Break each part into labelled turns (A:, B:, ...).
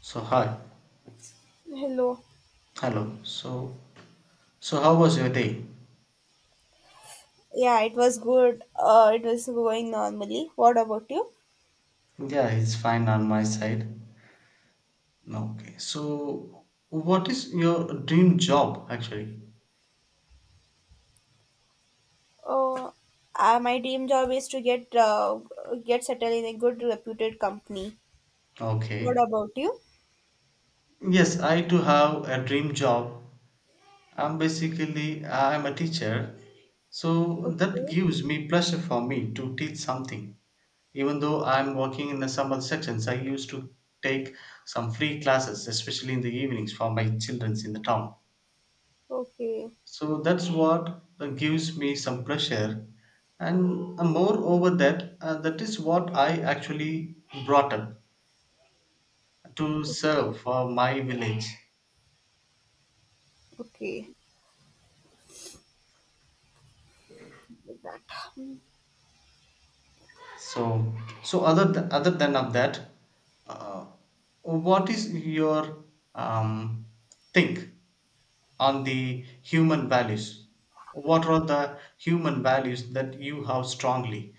A: So hi,
B: Hello.
A: hello. So how was your day?
B: Yeah, it was good. It was going normally. What about you?
A: Yeah, it's fine on my side. Okay. So what is your dream job actually?
B: Uh, my dream job is to get settled in a good reputed company. What
A: Okay.
B: about you?
A: Yes, I do have a dream job. I'm basically I'm a teacher. So that
B: Okay.
A: gives me pleasure for me to teach something. Even though I'm working in the summer sections, I used to take some free classes, especially in the evenings for my children in the town.
B: Okay.
A: So that's what gives me some pressure. And moreover, that is what I actually brought up to serve
B: Okay.
A: for my village.
B: Okay, like that.
A: So, so, other than of that, uh, what is your um, think on the human values? What are the human values that you have strongly?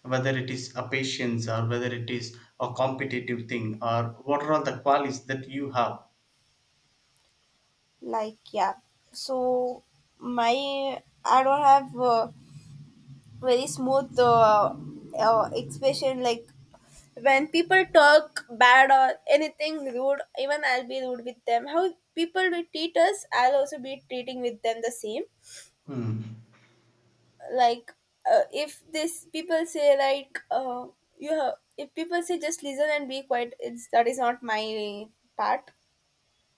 A: Whether it is a patience or whether it is a competitive thing or what are all the qualities that you have
B: Like, yeah. So my I don't have very smooth expression, like when people talk bad or anything rude, even I'll be rude with them. How people will treat us, I'll also be treating with them the same.
A: Hmm.
B: Like if this people say like if people say just listen and be quiet, it's that is not my part.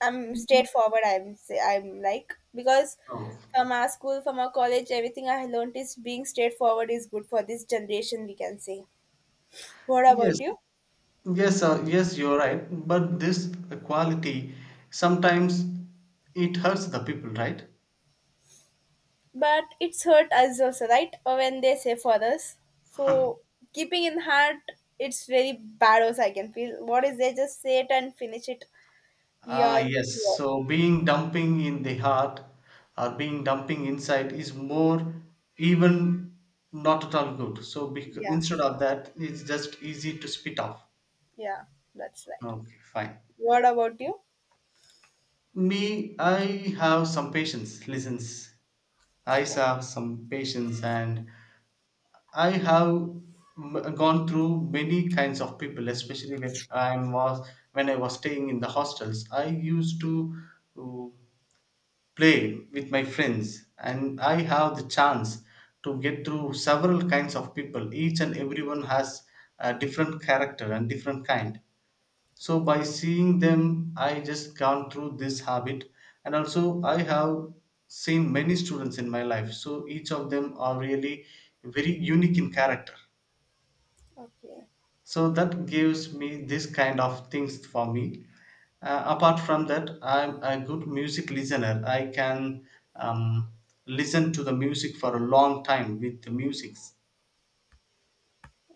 B: I'm straightforward. I'm say I'm like because
A: Oh.
B: from our school, from our college, everything I learned is being straightforward is good for this generation. We can say. What
A: Yes,
B: about you?
A: yes, uh, yes, you're right. But this quality sometimes it hurts the people, right?
B: But it's hurt us also, right? Or when they say for us, so keeping in heart, it's very bad also. I can feel what is they just say it and finish it.
A: Ah, yes.
B: Your
A: So being dumping in the heart or being dumping inside is more even not at all good. So
B: Yeah,
A: instead of that, it's just easy to spit off.
B: yeah, that's right.
A: Okay, fine.
B: What about you?
A: Me, I have some patience. Listens, I
B: Okay,
A: have some patience, and I have gone through many kinds of people. Especially when I was staying in the hostels, I used to uh, play with my friends, and I have the chance to get through several kinds of people. Each and everyone has a different character and different kind. So by seeing them, I just gone through this habit. And also I have seen many students in my life, so each of them are really very unique in character.
B: okay.
A: So that gives me this kind of things for me. Apart from that, I'm a good music listener. I can um, listen to the music for a long time with the musics.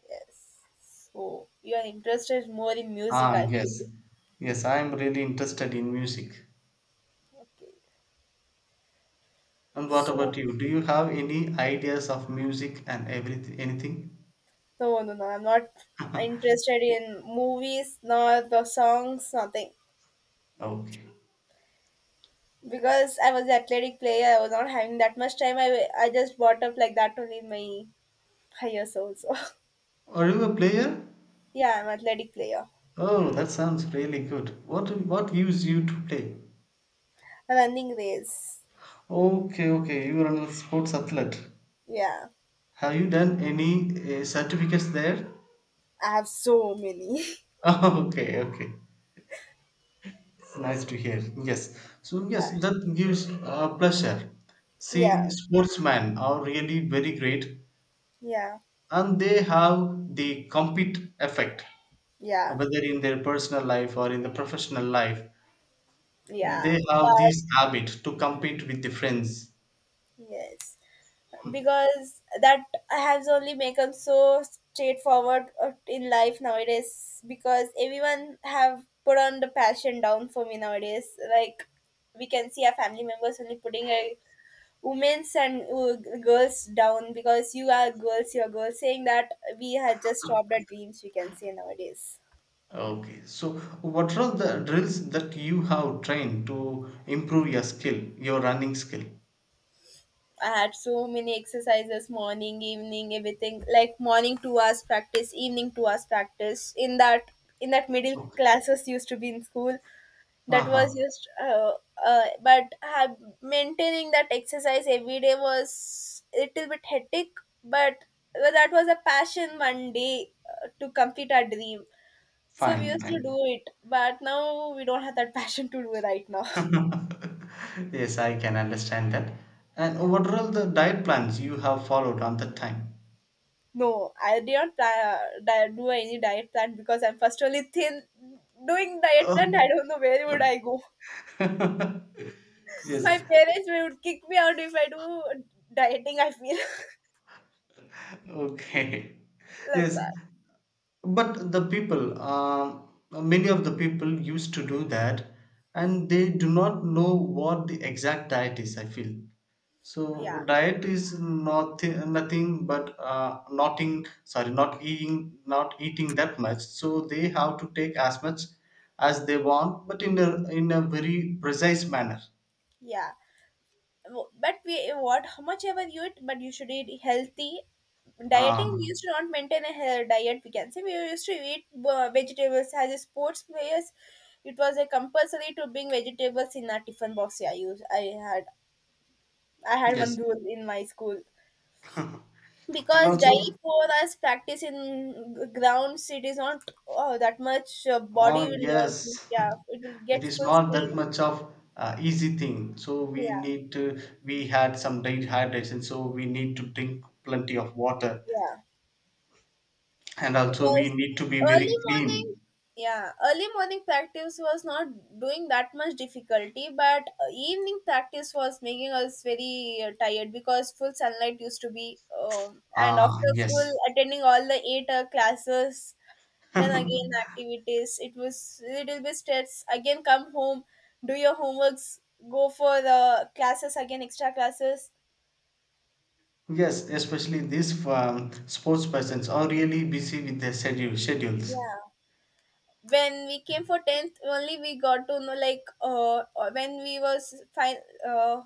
B: Yes. So your interest is more in music,
A: Ah,
B: I feel.
A: yes, yes, I'm really interested in music.
B: Okay.
A: And what about
B: So
A: you? Do you have any ideas of music and everything, anything?
B: no, no, no, I'm not interested in movies nor the songs, nothing.
A: Okay.
B: Because I was the athletic player, I was not having that much time. I just brought up like that only in my higher soul. So
A: Are you a player?
B: yeah, I'm athletic player.
A: Oh, that sounds really good. What use you to play?
B: Running race.
A: Okay, okay. You are a sports athlete.
B: Yeah,
A: Have you done any certificates there?
B: I have so many.
A: Okay, okay. It's nice to hear. Yes. So yes, that gives pleasure.
B: Yeah,
A: See, sportsmen are really very great,
B: yeah,
A: and they have the compete effect,
B: yeah,
A: whether in their personal life or in the professional life.
B: yeah.
A: They have
B: But
A: this habit to compete with the friends.
B: yes, because that has only become so straightforward in life nowadays. Because everyone have put on the passion down for me nowadays. Like we can see our family members only putting a women's and girls down because you are girls, saying that we had just stopped our dreams, we can say nowadays.
A: Okay, so what are the drills that you have trained to improve your skill, your running skill?
B: I had so many exercises morning, evening, everything like morning 2 hours practice, evening 2 hours practice. In that middle
A: Okay.
B: classes used to be in school, that was
A: Uh-huh.
B: just but have maintaining that exercise every day was a little bit hectic, but that was a passion one day to complete our dream. So we
A: Fine,
B: used to
A: fine.
B: do it, but now we don't have that passion to do it right now.
A: Yes, I can understand that. And
B: Yeah.
A: what are all the diet plans you have followed on that time?
B: No, I did not do any diet plan because I'm first only thin. Doing diet plan, I
A: Oh.
B: don't know where would I go.
A: Yes.
B: My parents would kick me out if I do dieting. I feel
A: Okay.
B: like
A: Yes.
B: that.
A: But the people, many of the people used to do that and they do not know what the exact diet is, I feel. So
B: Yeah,
A: diet is not nothing but not in, sorry, not eating, that much. So they have to take as much as they want, but in a very precise manner.
B: yeah. But we, what how much ever you eat, but you should eat healthy. Dieting, we
A: Um,
B: used to not maintain a diet, we can say. We used to eat vegetables as a sports players. It was a compulsory to bring vegetables in our tiffin box. Yeah, I had one
A: yes,
B: rule in my school,
A: and
B: because
A: also,
B: daily for us practice in grounds, it is not, oh, that much,
A: oh
B: body will not,
A: yes,
B: yeah, it will get
A: it is
B: full
A: not
B: speed.
A: that much of easy thing, so we
B: Yeah,
A: need to we had some dehydration, so we need to drink plenty of water.
B: yeah.
A: And also we
B: Because
A: need to be very
B: early morning,
A: clean.
B: yeah, early morning practice was not doing that much difficulty, but evening practice was making us very tired, because full sunlight used to be, and
A: Ah,
B: after
A: yes.
B: full attending all the eight classes, then again activities, it was little bit stress. Again come home, do your homeworks, go for the classes again, extra classes.
A: Yes, especially these sports persons are really busy with their schedules.
B: Yeah, when we came for 10th only, we got to know like when we was fine, uh,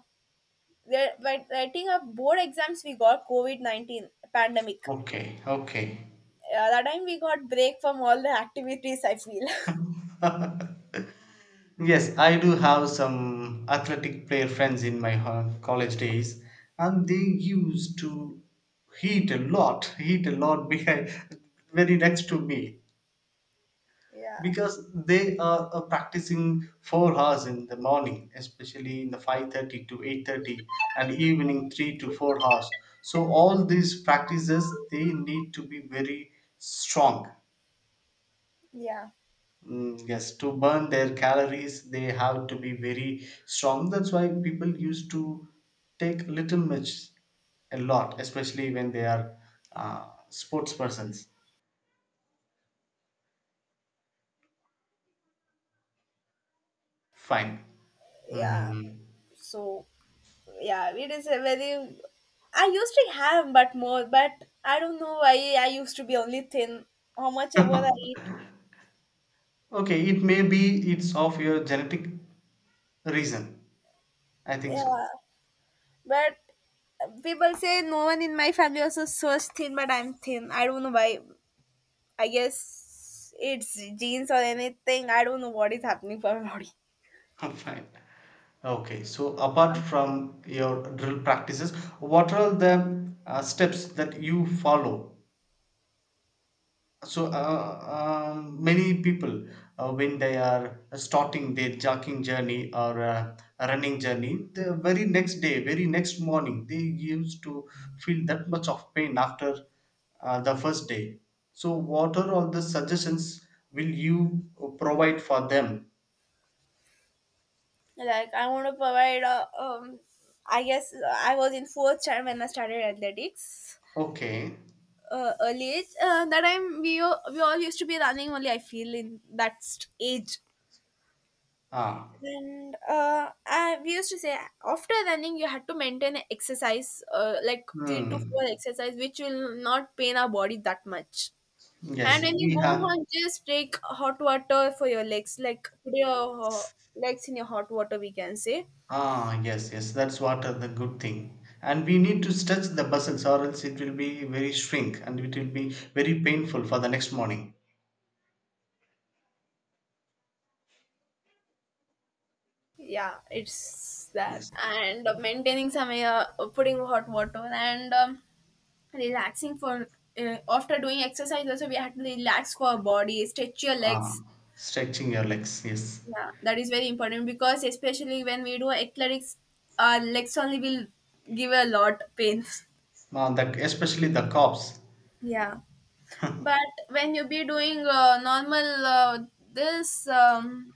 B: there by writing up board exams, we got COVID-19 pandemic.
A: Okay, okay.
B: That time we got break from all the activities, I feel.
A: Yes, I do have some athletic player friends in my college days, and they used to heat a lot behind, very next to me,
B: Yeah,
A: because they are practicing 4 hours in the morning, especially in the 5:30 to 8:30, and evening 3 to 4 hours. So all these practices they need to be very strong.
B: yeah,
A: Mm, yes, to burn their calories, they have to be very strong. That's why people used to take little much a lot, especially when they are sports persons. Fine.
B: yeah.
A: Mm.
B: So yeah, it is a very, I used to have but more, but I don't know why, I used to be only thin, how much ever I eat.
A: Okay, it may be it's of your genetic reason. I think so.
B: Yeah. But people say no one in my family also so thin, but I'm thin. I don't know why. I guess it's genes or anything. I don't know what is happening for my body.
A: Fine. Okay, so apart from your drill practices, what are the steps that you follow? So many people, when they are starting their jogging journey or running journey, the very next day, very next morning, they used to feel that much of pain after the first day. So what are all the suggestions will you provide for them?
B: Like I want to provide. I guess I was in fourth standard when I started athletics.
A: Okay.
B: Early age. That time we all used to be running only. I feel in that age.
A: Ah.
B: And we used to say after running you had to maintain a exercise like three to
A: Hmm.
B: four exercise which will not pain our body that much. And
A: Yes,
B: when you
A: we
B: go
A: have.
B: home, just take hot water for your legs, like put your legs in your hot water. We can say,
A: Ah, yes, yes, that's what are the good thing. And we need to stretch the muscles, or else it will be very shrink and it will be very painful for the next morning.
B: yeah, it's that.
A: Yes.
B: And maintaining some, putting hot water and relaxing for after doing exercise. Also, we have to relax for our body, stretch your
A: Ah,
B: legs.
A: stretching your legs, yes.
B: Yeah, that is very important because especially when we do athletics, our legs only will give a lot pain.
A: Ah, especially the calves.
B: Yeah, but when you be doing normal this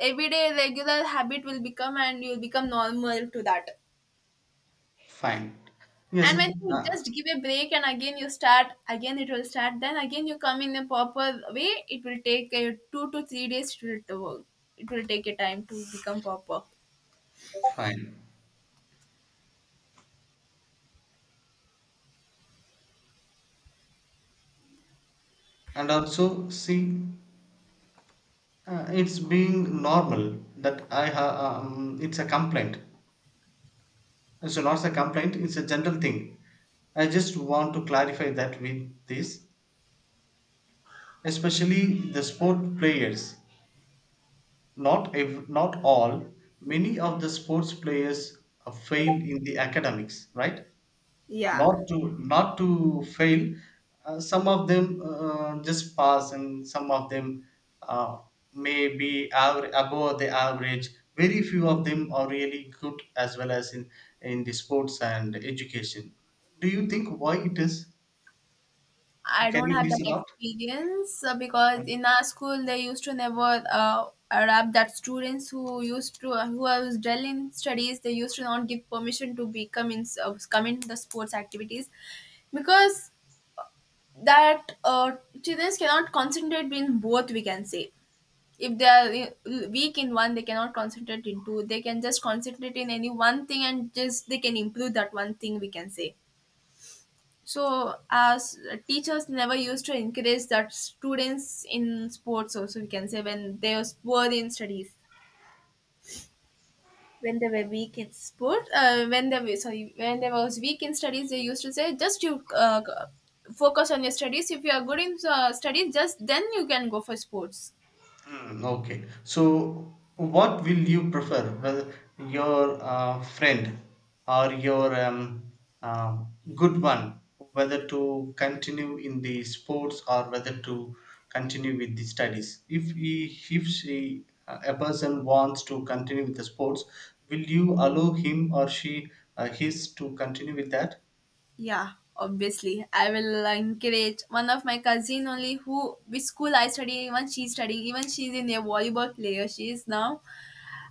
B: everyday regular habit will become and you'll become normal to that.
A: Fine. Yes,
B: And when you
A: ah,
B: just give a break and again you start, again it will start. Then again you come in a proper way. It will take a 2 to 3 days to work. It will take a time to become proper.
A: fine. And also, see, it's being normal that I have, it's a complaint. So, not a complaint, it's a general thing. I just want to clarify that with this. Especially the sport players. Not not all. Many of the sports players fail in the academics, right?
B: Yeah.
A: Not to fail. Some of them just pass, and some of them uh, may be above the average. Very few of them are really good as well as in the sports and education. Do you think why it is?
B: I
A: Can
B: don't
A: you
B: have
A: please
B: that
A: it out?
B: experience because in our school they used to never adapt that students who used to who are well in studies, they used to not give permission to become in come in the sports activities, because that children cannot concentrate in both, we can say. If they are weak in one, they cannot concentrate in two. They can just concentrate in any one thing and just they can improve that one thing, we can say. So, as teachers never used to encourage that students in sports also, we can say when they was poor in studies, when they were weak in sport, when they were sorry, when they was weak in studies, they used to say just you focus on your studies. If you are good in studies, just then you can go for sports.
A: Mm, okay. So, what will you prefer? Well, your friend or your uh, good one, whether to continue in the sports or whether to continue with the studies. If she, a person wants to continue with the sports, will you allow him or she his to continue with that?
B: Yeah, obviously, I will encourage. One of my cousin only who which school I study, even she studying, even she's in a volleyball player. She is now,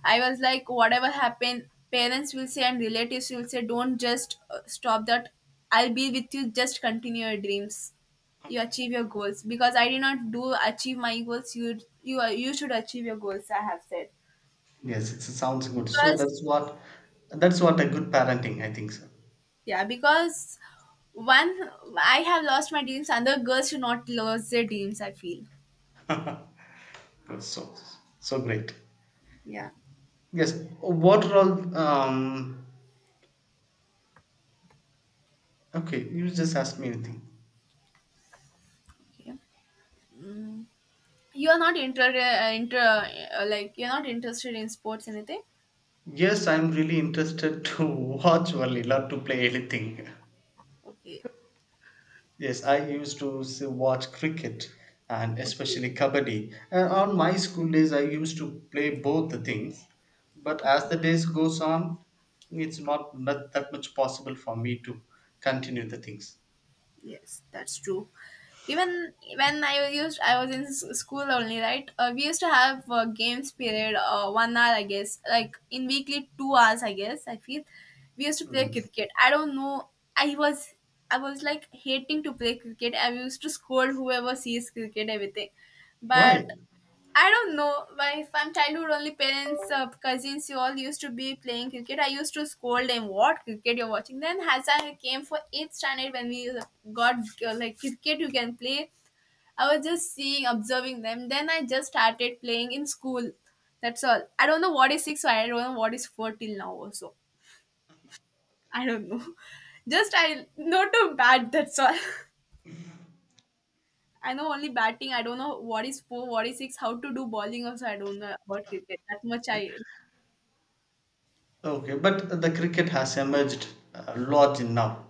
B: I was like, whatever happened, parents will say and relatives will say, don't just stop that. I'll be with you. Just continue your dreams. You achieve your goals, because I did not do achieve my goals. You should achieve your goals, I have said.
A: Yes, it sounds good. So
B: Because
A: that's what a good parenting, I think so.
B: yeah, because one, I have lost my dreams, other girls should not lose their dreams, I feel.
A: So so great.
B: Yeah.
A: Yes, what role? Okay, you just asked me anything.
B: Okay. Mm. You are not inter, inter like, you're not interested in sports anything.
A: Yes, I'm really interested to watch only, not to play anything.
B: Okay.
A: Yes, I used to watch cricket and
B: Okay.
A: especially kabaddi. And on my school days, I used to play both the things. But as
B: Okay.
A: the days goes on, it's not that much possible for me to continue the things.
B: Yes, that's true. Even when I was in school only, right? We used to have games period, one hour, I guess, like in weekly 2 hours, I guess. I feel we used to play
A: Mm.
B: cricket. I don't know. I was, I was like hating to play cricket. I used to scold whoever sees cricket, everything.
A: Why?
B: But I don't know why from childhood only parents, cousins, you all used to be playing cricket. I used to scold them, what cricket you're watching? Then as I came for 8th standard, when we got like cricket you can play, I was just seeing, observing them. Then I just started playing in school. That's all. I don't know what is 6, I don't know what is 4 till now also. I don't know. Just I know to bat, that's all. I know only batting. I don't know what is four, what is six, how to do bowling also. I don't know about cricket. That much I.
A: Okay, but the cricket has emerged a lot in now.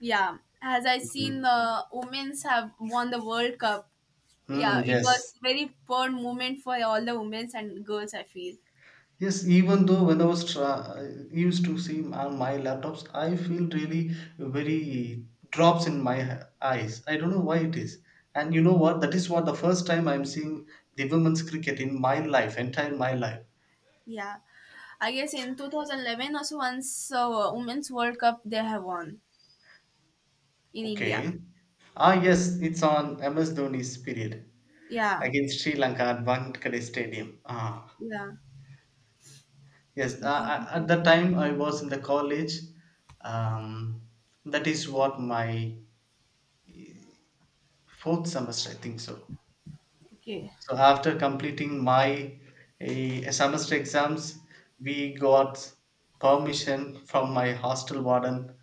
B: Yeah, as I seen
A: Mm.
B: the women's have won the World Cup.
A: Mm,
B: Yeah, it
A: yes.
B: was very proud moment for all the women's and girls, I feel.
A: Yes, even though when I was used to see on my laptops, I feel really very drops in my eyes. I don't know why it is. And you know what? That is what the first time I'm seeing the women's cricket in my life, entire my life.
B: Yeah, I guess in 2011 also once women's World Cup they have won, in India.
A: Okay. Ah, yes, it's on MS Dhoni's period
B: Yeah,
A: against Sri Lanka at Wankhede Stadium. Ah,
B: yeah.
A: yes. At that time, I was in the college. Um, that is what my fourth semester, I think so.
B: Okay,
A: So after completing my semester exams, we got permission from my hostel warden,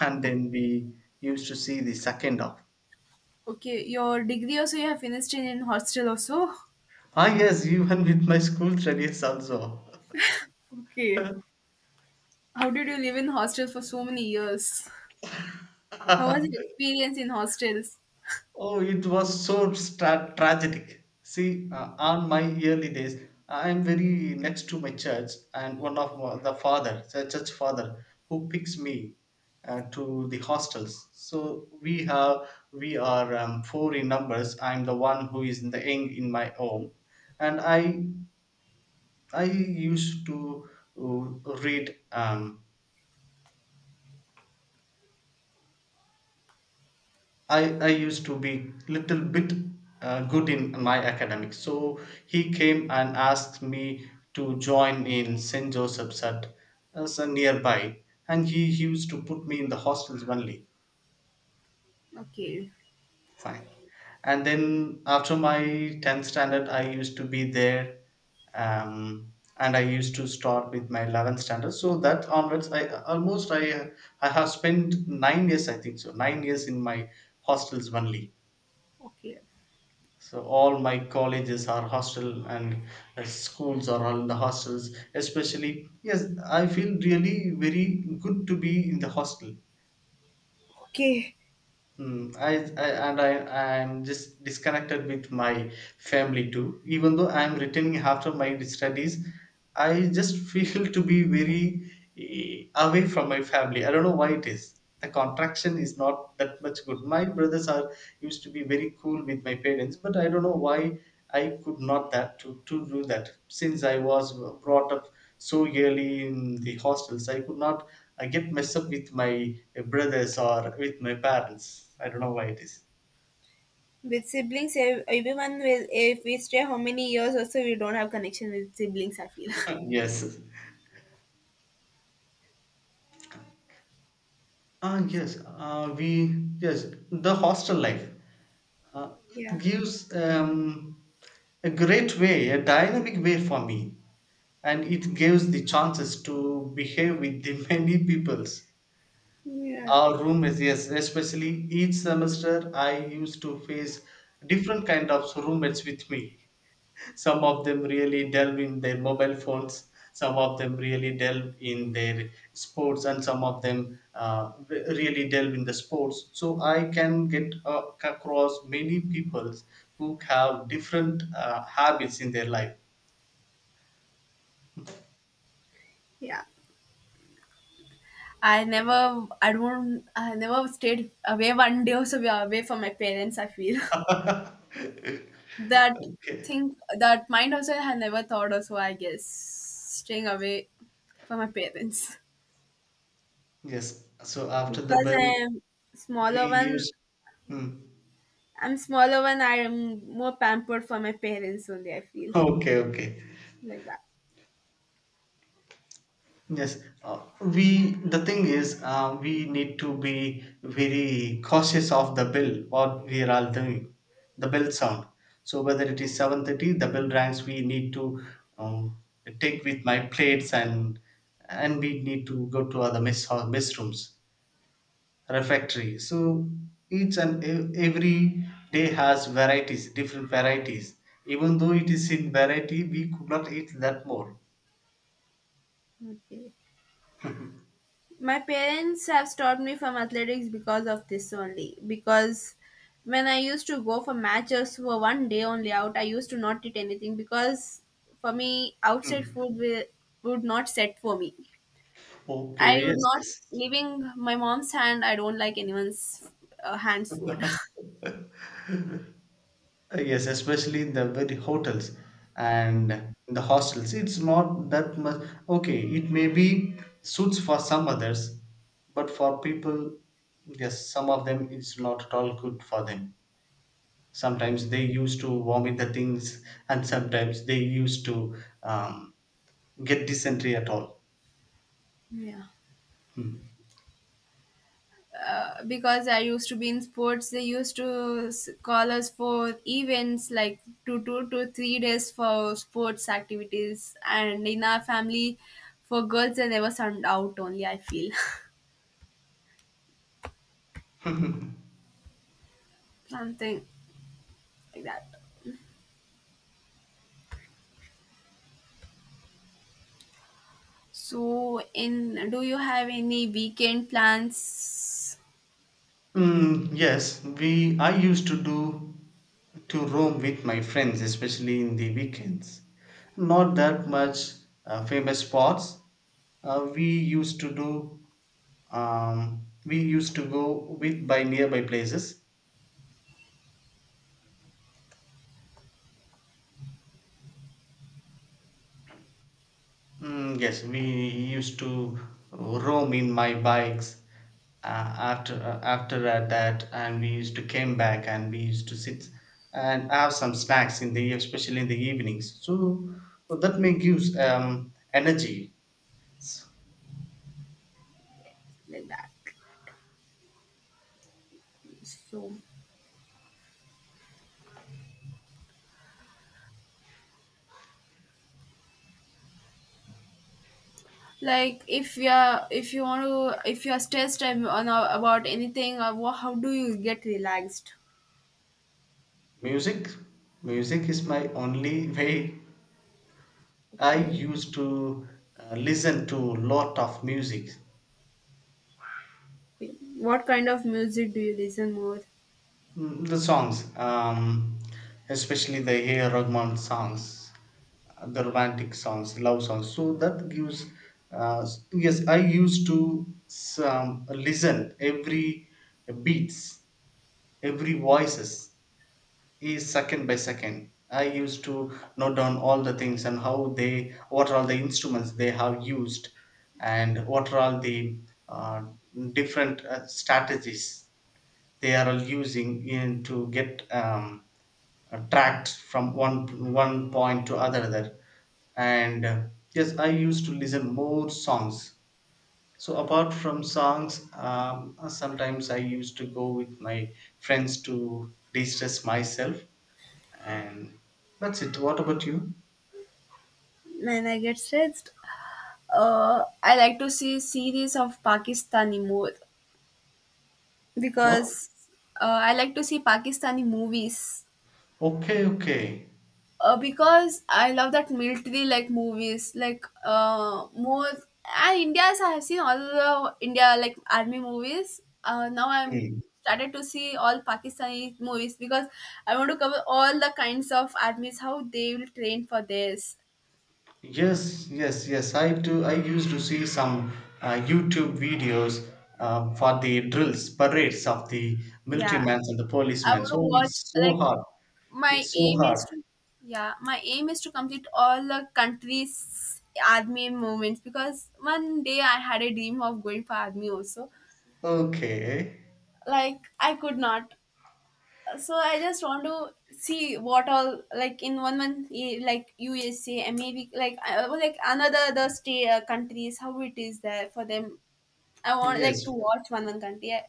A: and
B: O-
A: then we used to see the second off.
B: okay. Your degree also you have finished in hostel also.
A: Ah yes, even with my school studies also.
B: Okay. How did you live in hostel for so many years? How was your experience in hostels?
A: Oh, it was so tragic. See, on my early days, I am very next to my church, and one of the father, the church father, who picks me to the hostels. So we are four in numbers. I'm the one who is in the young in my home, and I used to read. I used to be little bit good in my academics. So he came and asked me to join in St. Joseph's at as a nearby, and he used to put me in the hostels only.
B: Okay,
A: Fine. And then after my 10th standard, I used to be there, and I used to start with my 11th standard. So that onwards, I almost I have spent 9 years, I think so, 9 years in my hostels only.
B: okay.
A: So all my colleges are hostel and schools are all in the hostels. Especially, yes, I feel really very good to be in the hostel.
B: Okay,
A: Hmm. I and I I am just disconnected with my family too. Even though I am returning after my studies, I just feel to be very away from my family. I don't know why it is. The contraction is not that much good. My brothers are used to be very cool with my parents, but I don't know why I could not that to do that since I was brought up so early in the hostels. I could not. I get messed up with my brothers or with my parents. I don't know why it is.
B: with siblings, everyone will. If we stay how many years also, we don't have connection with siblings, I feel.
A: yes. Yes. We Yes, the hostel life it
B: Yeah.
A: gives a great way, a dynamic way for me, and it gives the chances to behave with the many peoples.
B: Yeah.
A: Our room is, yes, especially each semester I used to face different kind of roommates with me. Some of them really delve in their mobile phones, some of them really delve in their sports, and some of them really delve in the sports. So I can get across many people who have different habits in their life.
B: Yeah. I never, I don't, I never stayed away one day also, we are away from my parents, I feel that
A: Okay.
B: thing, that mind also I had never thought also. I guess staying away from my parents
A: Yes. So after the
B: because
A: bell,
B: I am
A: we
B: smaller one.
A: use. Hmm.
B: I'm smaller one. I am more pampered for my parents only, I feel,
A: okay, okay.
B: like that.
A: Yes, we the thing is, we need to be very cautious of the bell. What we are all doing, the bell sound. So whether it is 7:30, the bell rings. We need to um, take with my plates, and we need to go to other mess hall, mess rooms, refectory. So each and every day has varieties, different varieties. Even though it is in variety, we could not eat that more.
B: Okay. My parents have stopped me from athletics because of this only. Because when I used to go for matches for one day only out, I used to not eat anything because for me, outside
A: Hmm.
B: food will, would not set for me. I
A: Okay.
B: would
A: Yes.
B: not,
A: Yes.
B: leaving my mom's hand, I don't like anyone's hands food.
A: yes, especially in the very hotels and in the hostels. It's not that much. Okay, it may be suits for some others, but for people, yes, some of them it's not at all good for them. Sometimes they used to vomit the things, and sometimes they used to um, get dysentery at all.
B: Yeah. Because I used to be in sports, they used to call us for events like 2 to 3 days for sports activities. And in our family, for girls, they never send out only, I feel.
A: Hmm.
B: Something like that. So, in do you have any weekend plans
A: Yes, we I used to do to roam with my friends, especially in the weekends. Not that much famous spots. We used to do. We used to go with by nearby places. Yes, we used to roam in my bikes after that, and we used to came back and we used to sit and have some snacks in the especially in the evenings. So well, that may gives energy. S-
B: like that? So, like if you're if you want to if you're stressed ab- on about anything, or how do you get relaxed?
A: Music, music is my only way. I
B: Okay.
A: used to listen to lot of music.
B: What kind of music do you listen more?
A: The songs, especially the A. Rahman songs, the romantic songs, love songs. So that gives, uh, yes, I used to listen every beats, every voices is second by second. I used to note down all the things and how they, what are all the instruments they have used, and what are all the uh, different strategies they are all using in to get tracked from one point to other, and yes, I used to listen more songs. So apart from songs, sometimes I used to go with my friends to de-stress myself. And that's it. What about you?
B: When I get stressed, I like to see series of Pakistani more
A: What?
B: because I like to see Pakistani movies.
A: Okay, okay.
B: Because I love that military like movies, like more, and India's I have seen all the India like army movies. Now I'm
A: Hmm.
B: started to see all Pakistani movies because I want to cover all the kinds of armies, how they will train for this.
A: Yes, yes, yes. I do. I used to see some YouTube videos for the drills, parades of the military
B: Yeah.
A: men and the
B: I
A: policemen.
B: want
A: So it's
B: to watch,
A: so
B: like,
A: hard.
B: my
A: It's so
B: aim is
A: hard.
B: to yeah my aim is to complete all the countries army movements because one day I had a dream of going for army also,
A: Okay.
B: like I could not. So I just want to see what all, like, in one month, like USA and maybe like like another the state countries, how it is there for them. I want, like,
A: Yes.
B: to watch one country. I,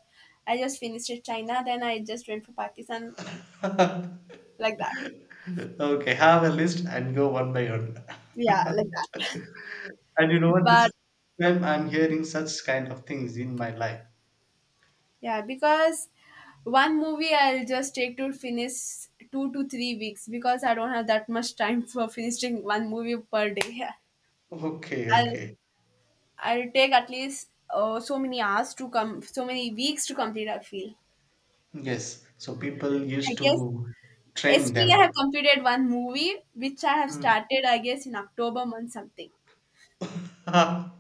B: I just finished it China, then I just went for Pakistan, like that.
A: okay. Have a list and go one by one.
B: Yeah, like that.
A: and you know what? This is
B: But
A: the time I'm hearing such kind of things in my life.
B: yeah, because one movie I'll just take to finish 2 to 3 weeks because I don't have that much time for finishing one movie per day. Yeah.
A: Okay.
B: I'll
A: Okay.
B: I'll take at least so many hours to come, so many weeks to complete. I feel.
A: Yes. So people
B: I
A: used
B: guess
A: to train
B: yesterday I have
A: them.
B: completed one movie which I have
A: Hmm.
B: started. I guess in October month something.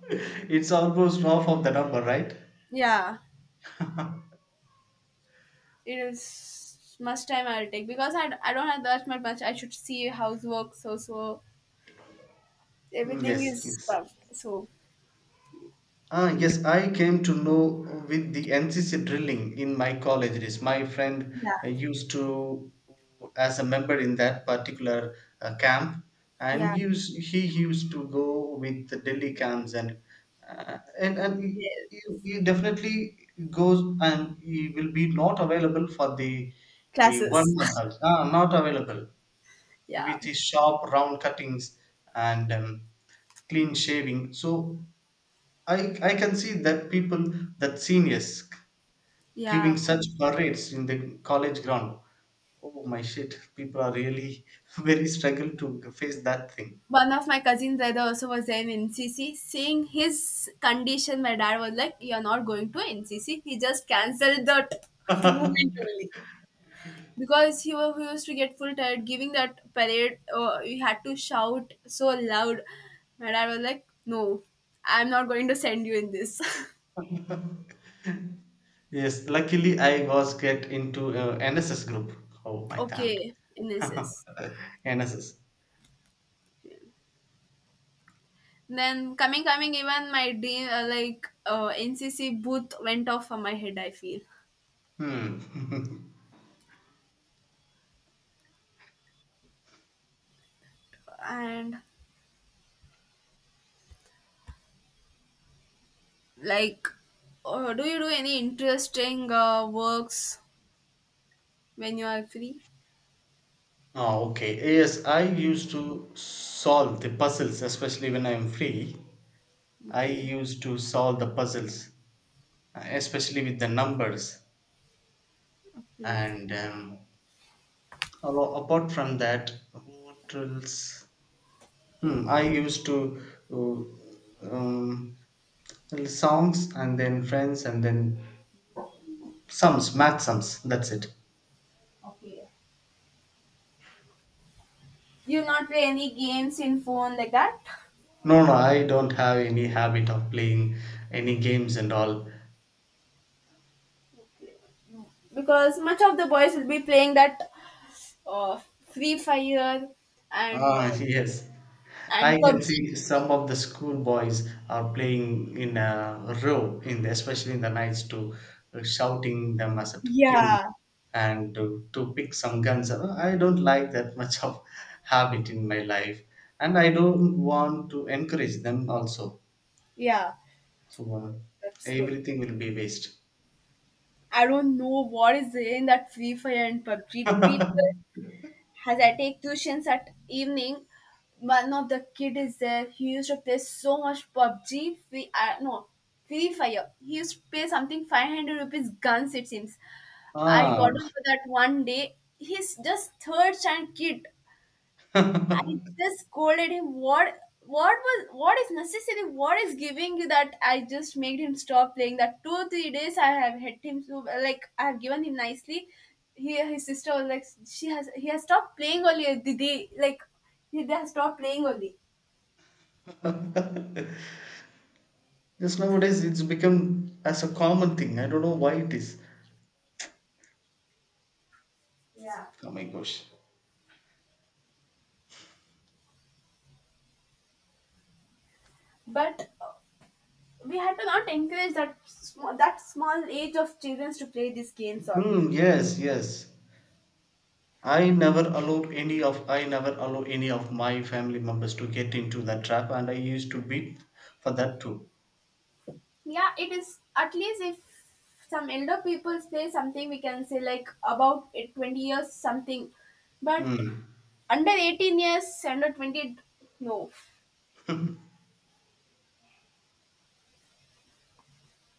A: it's almost half of the number, right?
B: Yeah, it is much time I'll take because I don't have that much. I should see housework, so everything
A: Yes,
B: is
A: yes.
B: tough. So.
A: Yes, I came to know with the NCC drilling in my college. It is my friend
B: Yeah,
A: used to, as a member in that particular camp, and
B: yeah,
A: he used to go with the Delhi camps and and he,
B: yeah.
A: he he definitely goes, and he will be not available for the
B: Classes.
A: 1 month. Also. Not available.
B: Yeah,
A: With his sharp round cuttings and clean shaving. So I can see that people, that seniors giving
B: yeah.
A: such parades in the college ground. Oh my shit, people are really very struggle to face that thing.
B: One of my cousins brother also was there in NCC. Seeing his condition, my dad was like, "You're not going to NCC." He just cancelled that movement only because he used to get full tired giving that parade. You had to shout so loud. My dad was like, "No, I'm not going to send you in this."
A: yes, luckily I was get into NSS group. Oh my damn.
B: Okay, in this. Is
A: NSS.
B: Then coming even my dream, like, NCC booth went off from my head, I feel.
A: Hmm.
B: And, like, do you do any interesting works when you are free?
A: Okay. Yes, I used to solve the puzzles, especially when I'm free. I
B: Okay.
A: used to solve the puzzles, especially with the numbers.
B: Okay.
A: And apart from that, what else? Hmm, I used to uh, um, songs and then friends and then sums, math sums. That's it.
B: Okay. Do you not play any games in phone like that?
A: No, no, I don't have any habit of playing any games and all.
B: Okay. Because much of the boys will be playing that uh, Free Fire and
A: Yes. I can
B: PUBG.
A: see some of the schoolboys are playing in a row, especially in the nights, to shouting them as to kill
B: Yeah,
A: and to pick some guns. I don't like that much of habit in my life, and I don't want to encourage them also.
B: yeah,
A: So
B: that's good.
A: everything will be waste.
B: I don't know what is there in that Free Fire and PUBG. People, as I take tuitions at evening, one of the kid is there. He used to play so much PUBG. Free, no, Free Fire. He used to pay something 500 rupees guns, it seems. I got to
A: Ah,
B: know that one day. He's just third standard kid. I just scolded him. What is necessary? What is giving you that? I just made him stop playing that 2 3 days. I have hit him so, like, I have given him nicely. He his sister was like, she has he has stopped playing only, Didi. Like, he they has stopped playing only.
A: just nowadays it's become as a common thing. I don't know why it is. Oh my gosh.
B: But we had to not encourage that that small age of children to play these games on.
A: Hmm. Yes, yes. I never allow any of my family members to get into that trap, and I used to beat for that too.
B: Yeah, it is. At least if some elder people say something, we can say, like, about it 20 years something, but
A: Mm.
B: under 18 years, under 20, no.